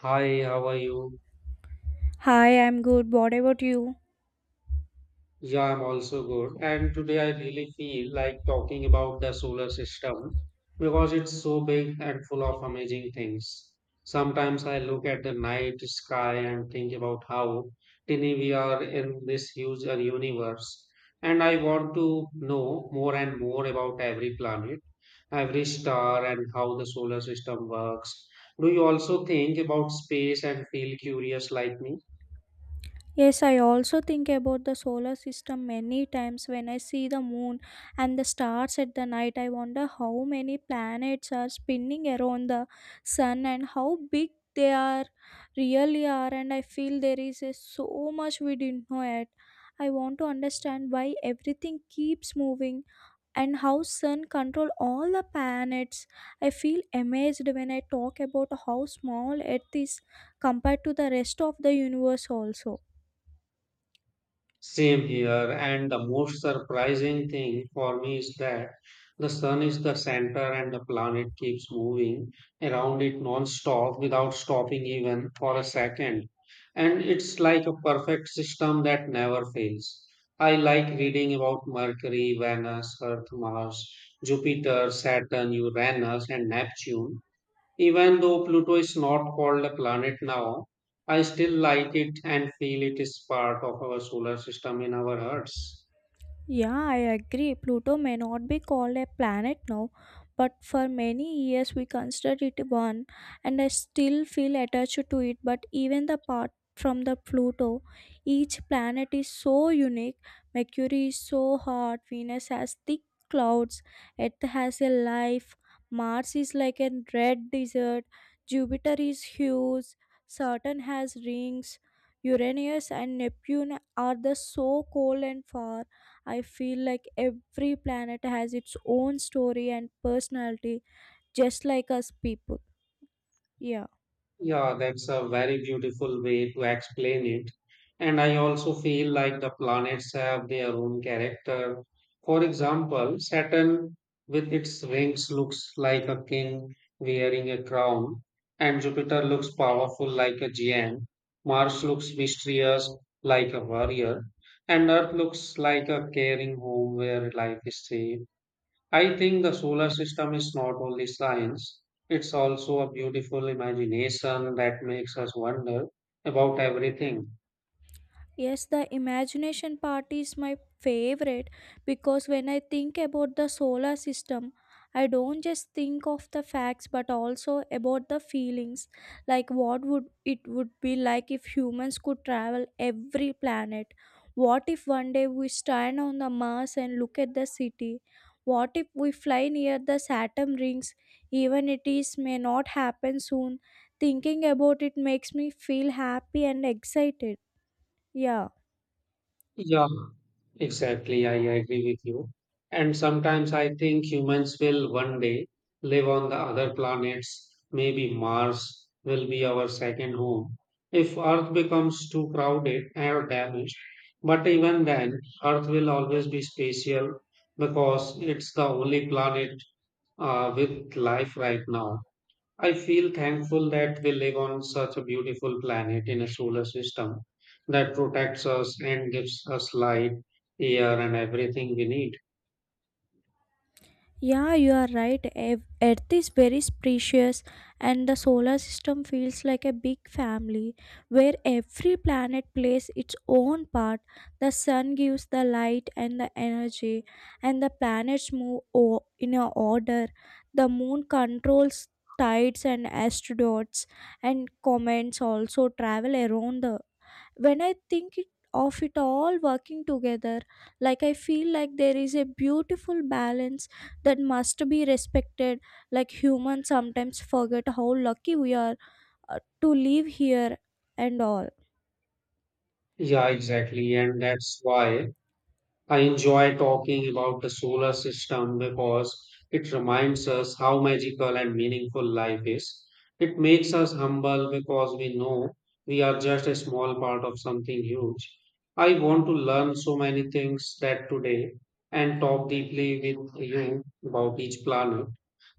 Hi, how are you? Hi, I'm good. What about you? Yeah, I'm also good. And today I really feel like talking about the solar system because it's so big and full of amazing things. Sometimes I look at the night sky and think about how tiny we are in this huge universe. And I want to know more and more about every planet, every star, and how the solar system works. Do you also think about space and feel curious like me? Yes, I also think about the solar system many times when I see the moon and the stars at the night. I wonder how many planets are spinning around the sun and how big they are really are, and I feel there is a, so much we didn't know yet. I want to understand why everything keeps moving and how sun control all the planets. I feel amazed when I talk about how small earth is compared to the rest of the universe also. Same here, and the most surprising thing for me is that the sun is the center and the planet keeps moving around it non-stop without stopping even for a second. And it's like a perfect system that never fails. I like reading about Mercury, Venus, Earth, Mars, Jupiter, Saturn, Uranus, and Neptune even though Pluto is not called a planet now, I still like it and feel it is part of our solar system in our hearts. Yeah, I agree. Pluto may not be called a planet now, but for many years we considered it one, and I still feel attached to it. But even the part from the Pluto, each planet is so unique. Mercury is so hot, Venus has thick clouds, Earth has a life, Mars is like a red desert, Jupiter is huge, Saturn has rings, Uranus and Neptune are the so cold and far. I feel like every planet has its own story and personality, just like us people. Yeah. Yeah, that's a very beautiful way to explain it. And I also feel like the planets have their own character. For example, Saturn with its rings looks like a king wearing a crown, and Jupiter looks powerful like a giant. Mars looks mysterious like a warrior, and Earth looks like a caring home where life is safe. I think the solar system is not only science, it's also a beautiful imagination that makes us wonder about everything. Yes, the imagination part is my favorite because when I think about the solar system, I don't just think of the facts but also about the feelings. Like what would it would be like if humans could travel every planet? What if one day we stand on the Mars and look at the city? What if we fly near the Saturn rings? Even it is may not happen soon. Thinking about it makes me feel happy and excited. Yeah. Yeah, exactly. I agree with you. And sometimes I think humans will one day live on the other planets. Maybe Mars will be our second home if Earth becomes too crowded or damaged. But even then, Earth will always be special because it's the only planet with life right now. I feel thankful that we live on such a beautiful planet in a solar system that protects us and gives us light, air, and everything we need. Yeah, you are right. Earth is very precious, and the solar system feels like a big family where every planet plays its own part. The sun gives the light and the energy, and the planets move in a order. The moon controls tides and asteroids, and comets also travel around the when I think it, of it all working together. Like I feel like there is a beautiful balance that must be respected. Like humans sometimes forget how lucky we are to live here and all. Yeah, exactly. And that's why I enjoy talking about the solar system because it reminds us how magical and meaningful life is. It makes us humble because we know we are just a small part of something huge. I want to learn so many things that today and talk deeply with you about each planet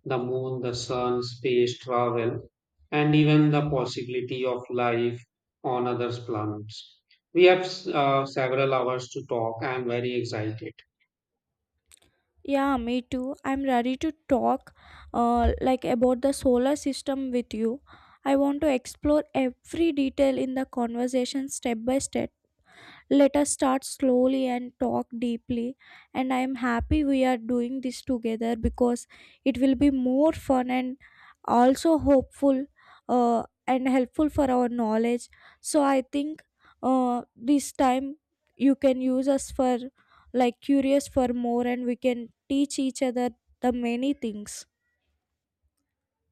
the moon, the sun, space travel, and even the possibility of life on other planets. We have several hours to talk. I am very excited. Yeah, me too. I'm ready to talk like about the solar system with you. I want to explore every detail in the conversation step by step. Let us start slowly and talk deeply. And I am happy we are doing this together because it will be more fun and also hopeful, and helpful for our knowledge. So I think this time you can use us for like curious for more, and we can teach each other the many things.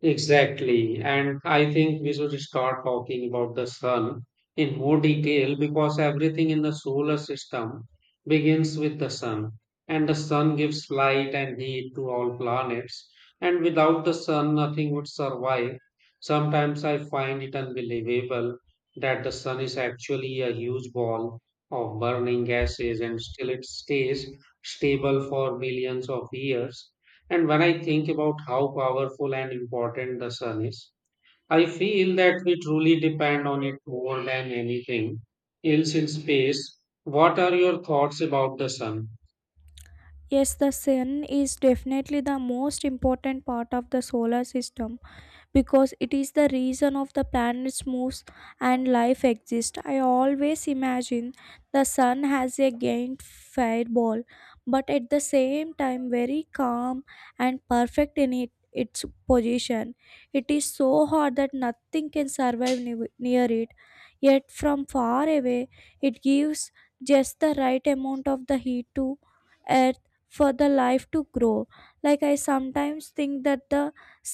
Exactly. And I think we should start talking about the sun in more detail because everything in the solar system begins with the sun. And the sun gives light and heat to all planets. And without the sun, nothing would survive. Sometimes I find it unbelievable that the sun is actually a huge ball of burning gases and still it stays stable for millions of years. And when I think about how powerful and important the sun is, I feel that we truly depend on it more than anything else in space. What are your thoughts about the sun? Yes, the sun is definitely the most important part of the solar system because it is the reason of the planet's moves and life exists. I always imagine the sun has a giant fireball, but at the same time very calm and perfect in it, its position. It is so hot that nothing can survive near it. Yet from far away, it gives just the right amount of the heat to earth for the life to grow. Like I sometimes think that the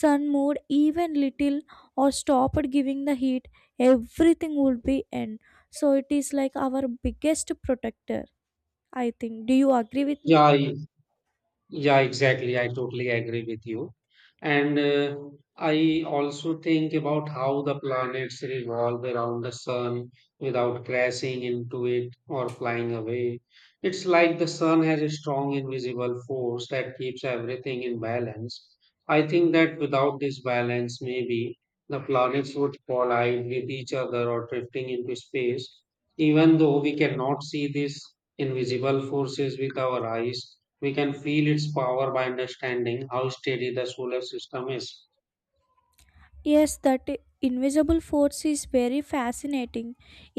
sun moved even little or stopped giving the heat, everything would be end. So it is like our biggest protector, I think. Do you agree with me? Yeah, Yeah, exactly. I totally agree with you. And I also think about how the planets revolve around the sun without crashing into it or flying away. It's like the sun has a strong invisible force that keeps everything in balance. I think that without this balance, maybe the planets would collide with each other or drifting into space, even though we cannot see these invisible forces with our eyes we can feel its power by understanding how steady the solar system is. Yes, that invisible force is very fascinating.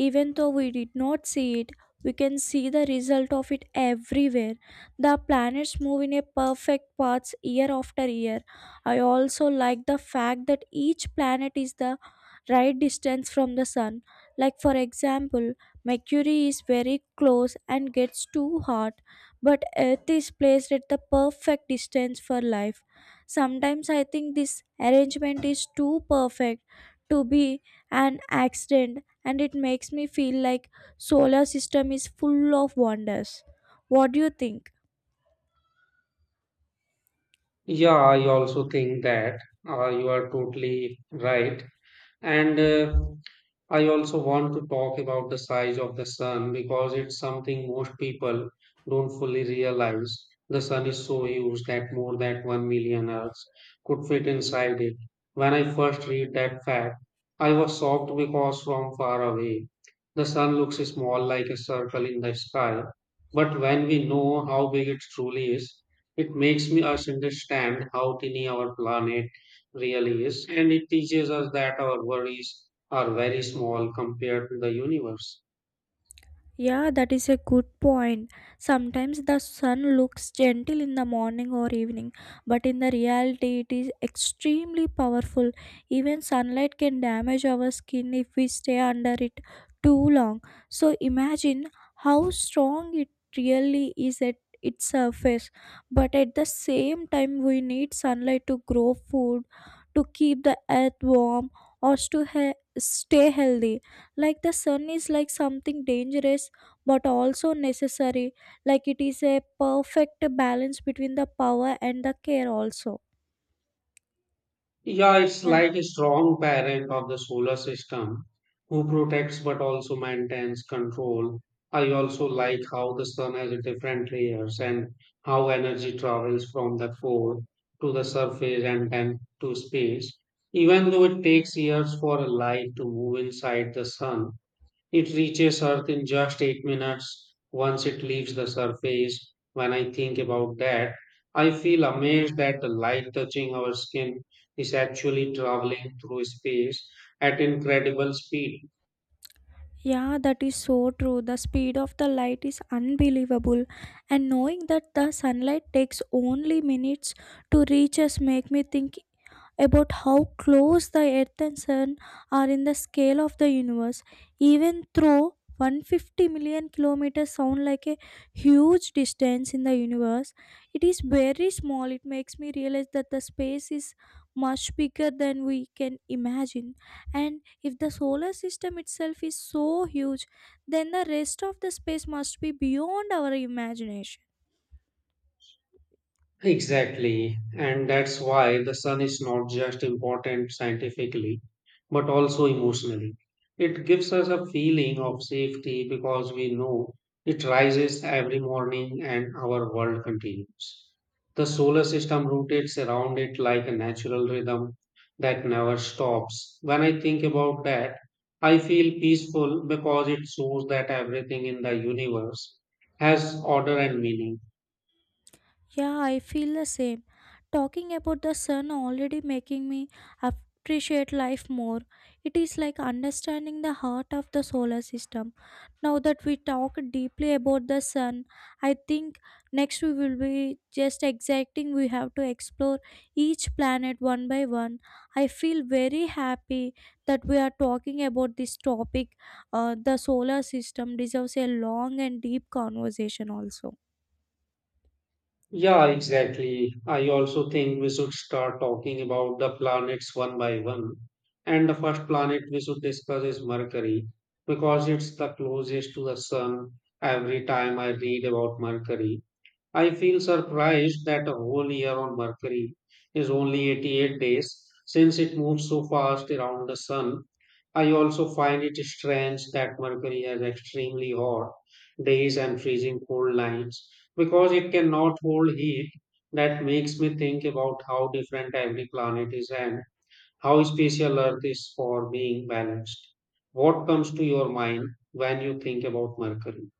Even though we did not see it, we can see the result of it everywhere. The planets move in a perfect path year after year. I also like the fact that each planet is the right distance from the sun. Like, for example, Mercury is very close and gets too hot, but Earth is placed at the perfect distance for life. Sometimes I think this arrangement is too perfect to be an accident, and it makes me feel like solar system is full of wonders. What do you think? Yeah, I also think that you are totally right. And I also want to talk about the size of the sun because it's something most people don't fully realize. The sun is so huge that more than 1 million Earths could fit inside it. When I first read that fact, I was shocked because from far away, the sun looks small like a circle in the sky. But when we know how big it truly is, it makes me us understand how tiny our planet really is. And it teaches us that our worries are very small compared to the universe. Yeah, that is a good point. Sometimes the sun looks gentle in the morning or evening, but in the reality, it is extremely powerful. Even sunlight can damage our skin if we stay under it too long. So imagine how strong it really is at its surface. But at the same time, we need sunlight to grow food, to keep the earth warm, or to stay healthy. Like the sun is like something dangerous but also necessary, like it is a perfect balance between the power and the care also. Yeah, it's Yeah. like a strong parent of the solar system who protects but also maintains control. I also like how the sun has a different layers and how energy travels from the core to the surface and then to space. Even though it takes years for a light to move inside the sun, it reaches Earth in just 8 minutes once it leaves the surface. When I think about that, I feel amazed that the light touching our skin is actually traveling through space at incredible speed. Yeah, that is so true. The speed of the light is unbelievable, and knowing that the sunlight takes only minutes to reach us make me think about how close the Earth and Sun are in the scale of the universe. Even though 150 million kilometers sound like a huge distance in the universe, it is very small. It makes me realize that the space is much bigger than we can imagine. And if the solar system itself is so huge, then the rest of the space must be beyond our imagination. Exactly. And that's why the sun is not just important scientifically, but also emotionally. It gives us a feeling of safety because we know it rises every morning and our world continues. The solar system rotates around it like a natural rhythm that never stops. When I think about that, I feel peaceful because it shows that everything in the universe has order and meaning. Yeah, I feel the same. Talking about the sun already making me appreciate life more. It is like understanding the heart of the solar system. Now that we talk deeply about the sun, I think next we will be just exacting. We have to explore each planet one by one. I feel very happy that we are talking about this topic. The solar system deserves a long and deep conversation also. Yeah, exactly. I also think we should start talking about the planets one by one. And the first planet we should discuss is Mercury because it's the closest to the Sun. Every time I read about Mercury, I feel surprised that a whole year on Mercury is only 88 days since it moves so fast around the Sun. I also find it strange that Mercury has extremely hot days and freezing cold nights because it cannot hold heat. That makes me think about how different every planet is and how special Earth is for being balanced. What comes to your mind when you think about Mercury?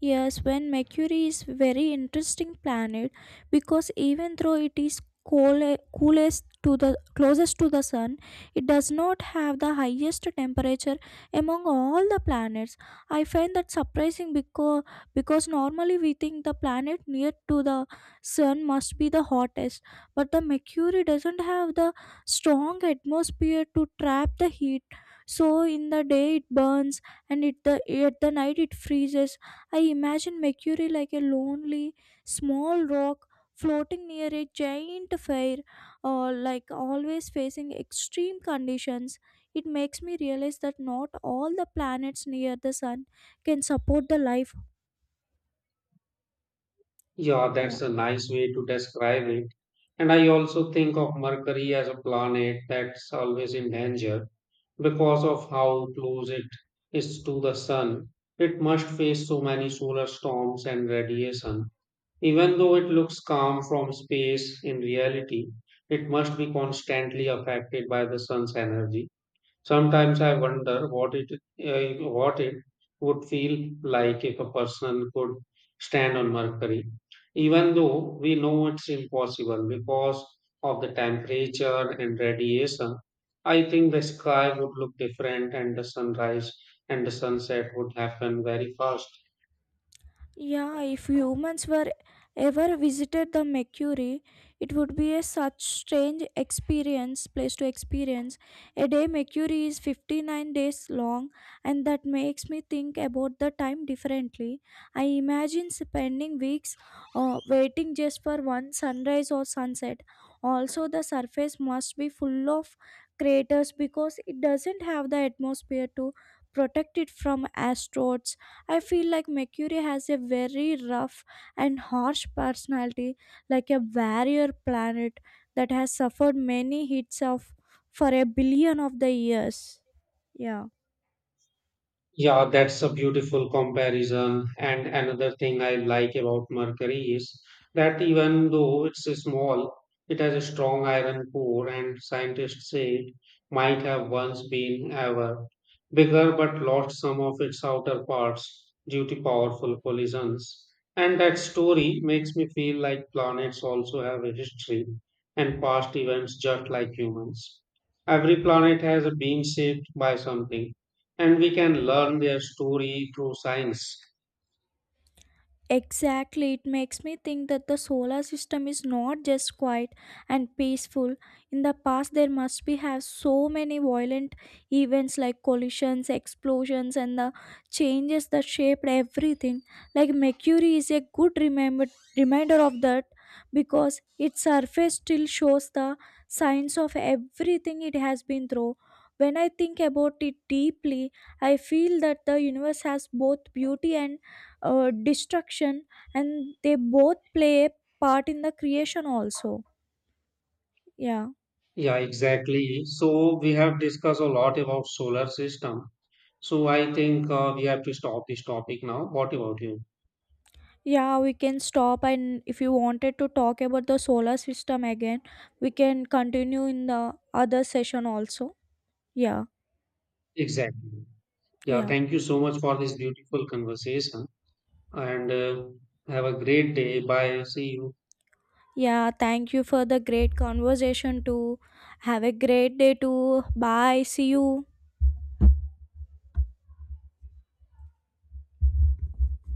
Yes, when Mercury is very interesting planet because even though it is cool, coolest to the closest to the sun, it does not have the highest temperature among all the planets. I find that surprising because normally we think the planet near to the sun must be the hottest, but the Mercury doesn't have the strong atmosphere to trap the heat. So in the day it burns, and it the at the night it freezes. I imagine Mercury like a lonely, small rock floating near a giant fire, or like always facing extreme conditions. It makes me realize that not all the planets near the sun can support the life. Yeah, Yeah. that's a nice way to describe it. And I also think of Mercury as a planet that's always in danger because of how close it is to the sun. It must face so many solar storms and radiation. Even though it looks calm from space, in reality, it must be constantly affected by the sun's energy. Sometimes I wonder what it would feel like if a person could stand on Mercury, even though we know it's impossible because of the temperature and radiation. I think the sky would look different, and the sunrise and the sunset would happen very fast. Yeah, if humans were ever visited the Mercury, it would be a such place to experience. A day Mercury is 59 days long, and that makes me think about the time differently. I imagine spending weeks waiting just for one sunrise or sunset. Also, the surface must be full of craters because it doesn't have the atmosphere to protect it from asteroids. I feel like Mercury has a very rough and harsh personality, like a warrior planet that has suffered many hits of for a billion of the years. Yeah. Yeah, that's a beautiful comparison. And another thing I like about mercury is that even though it's small, it has a strong iron core, and scientists say it might have once been ever bigger but lost some of its outer parts due to powerful collisions. And that story makes me feel like planets also have a history and past events just like humans. Every planet has been shaped by something and we can learn their story through science. Exactly, it makes me think that the solar system is not just quiet and peaceful. In the past, there must be have so many violent events like collisions, explosions, and the changes that shaped everything. Like Mercury is a good remember reminder of that because its surface still shows the signs of everything it has been through. When I think about it deeply, I feel that the universe has both beauty and destruction, and they both play a part in the creation also. Yeah. Yeah, exactly. So we have discussed a lot about solar system, so I think we have to stop this topic now. What about you? Yeah, we can stop, and if you wanted to talk about the solar system again, we can continue in the other session also. Yeah. Exactly. Yeah, Yeah. thank you so much for this beautiful conversation, and have a great day. Bye, see you. Yeah, thank you for the great conversation too. Have a great day too. Bye, see you.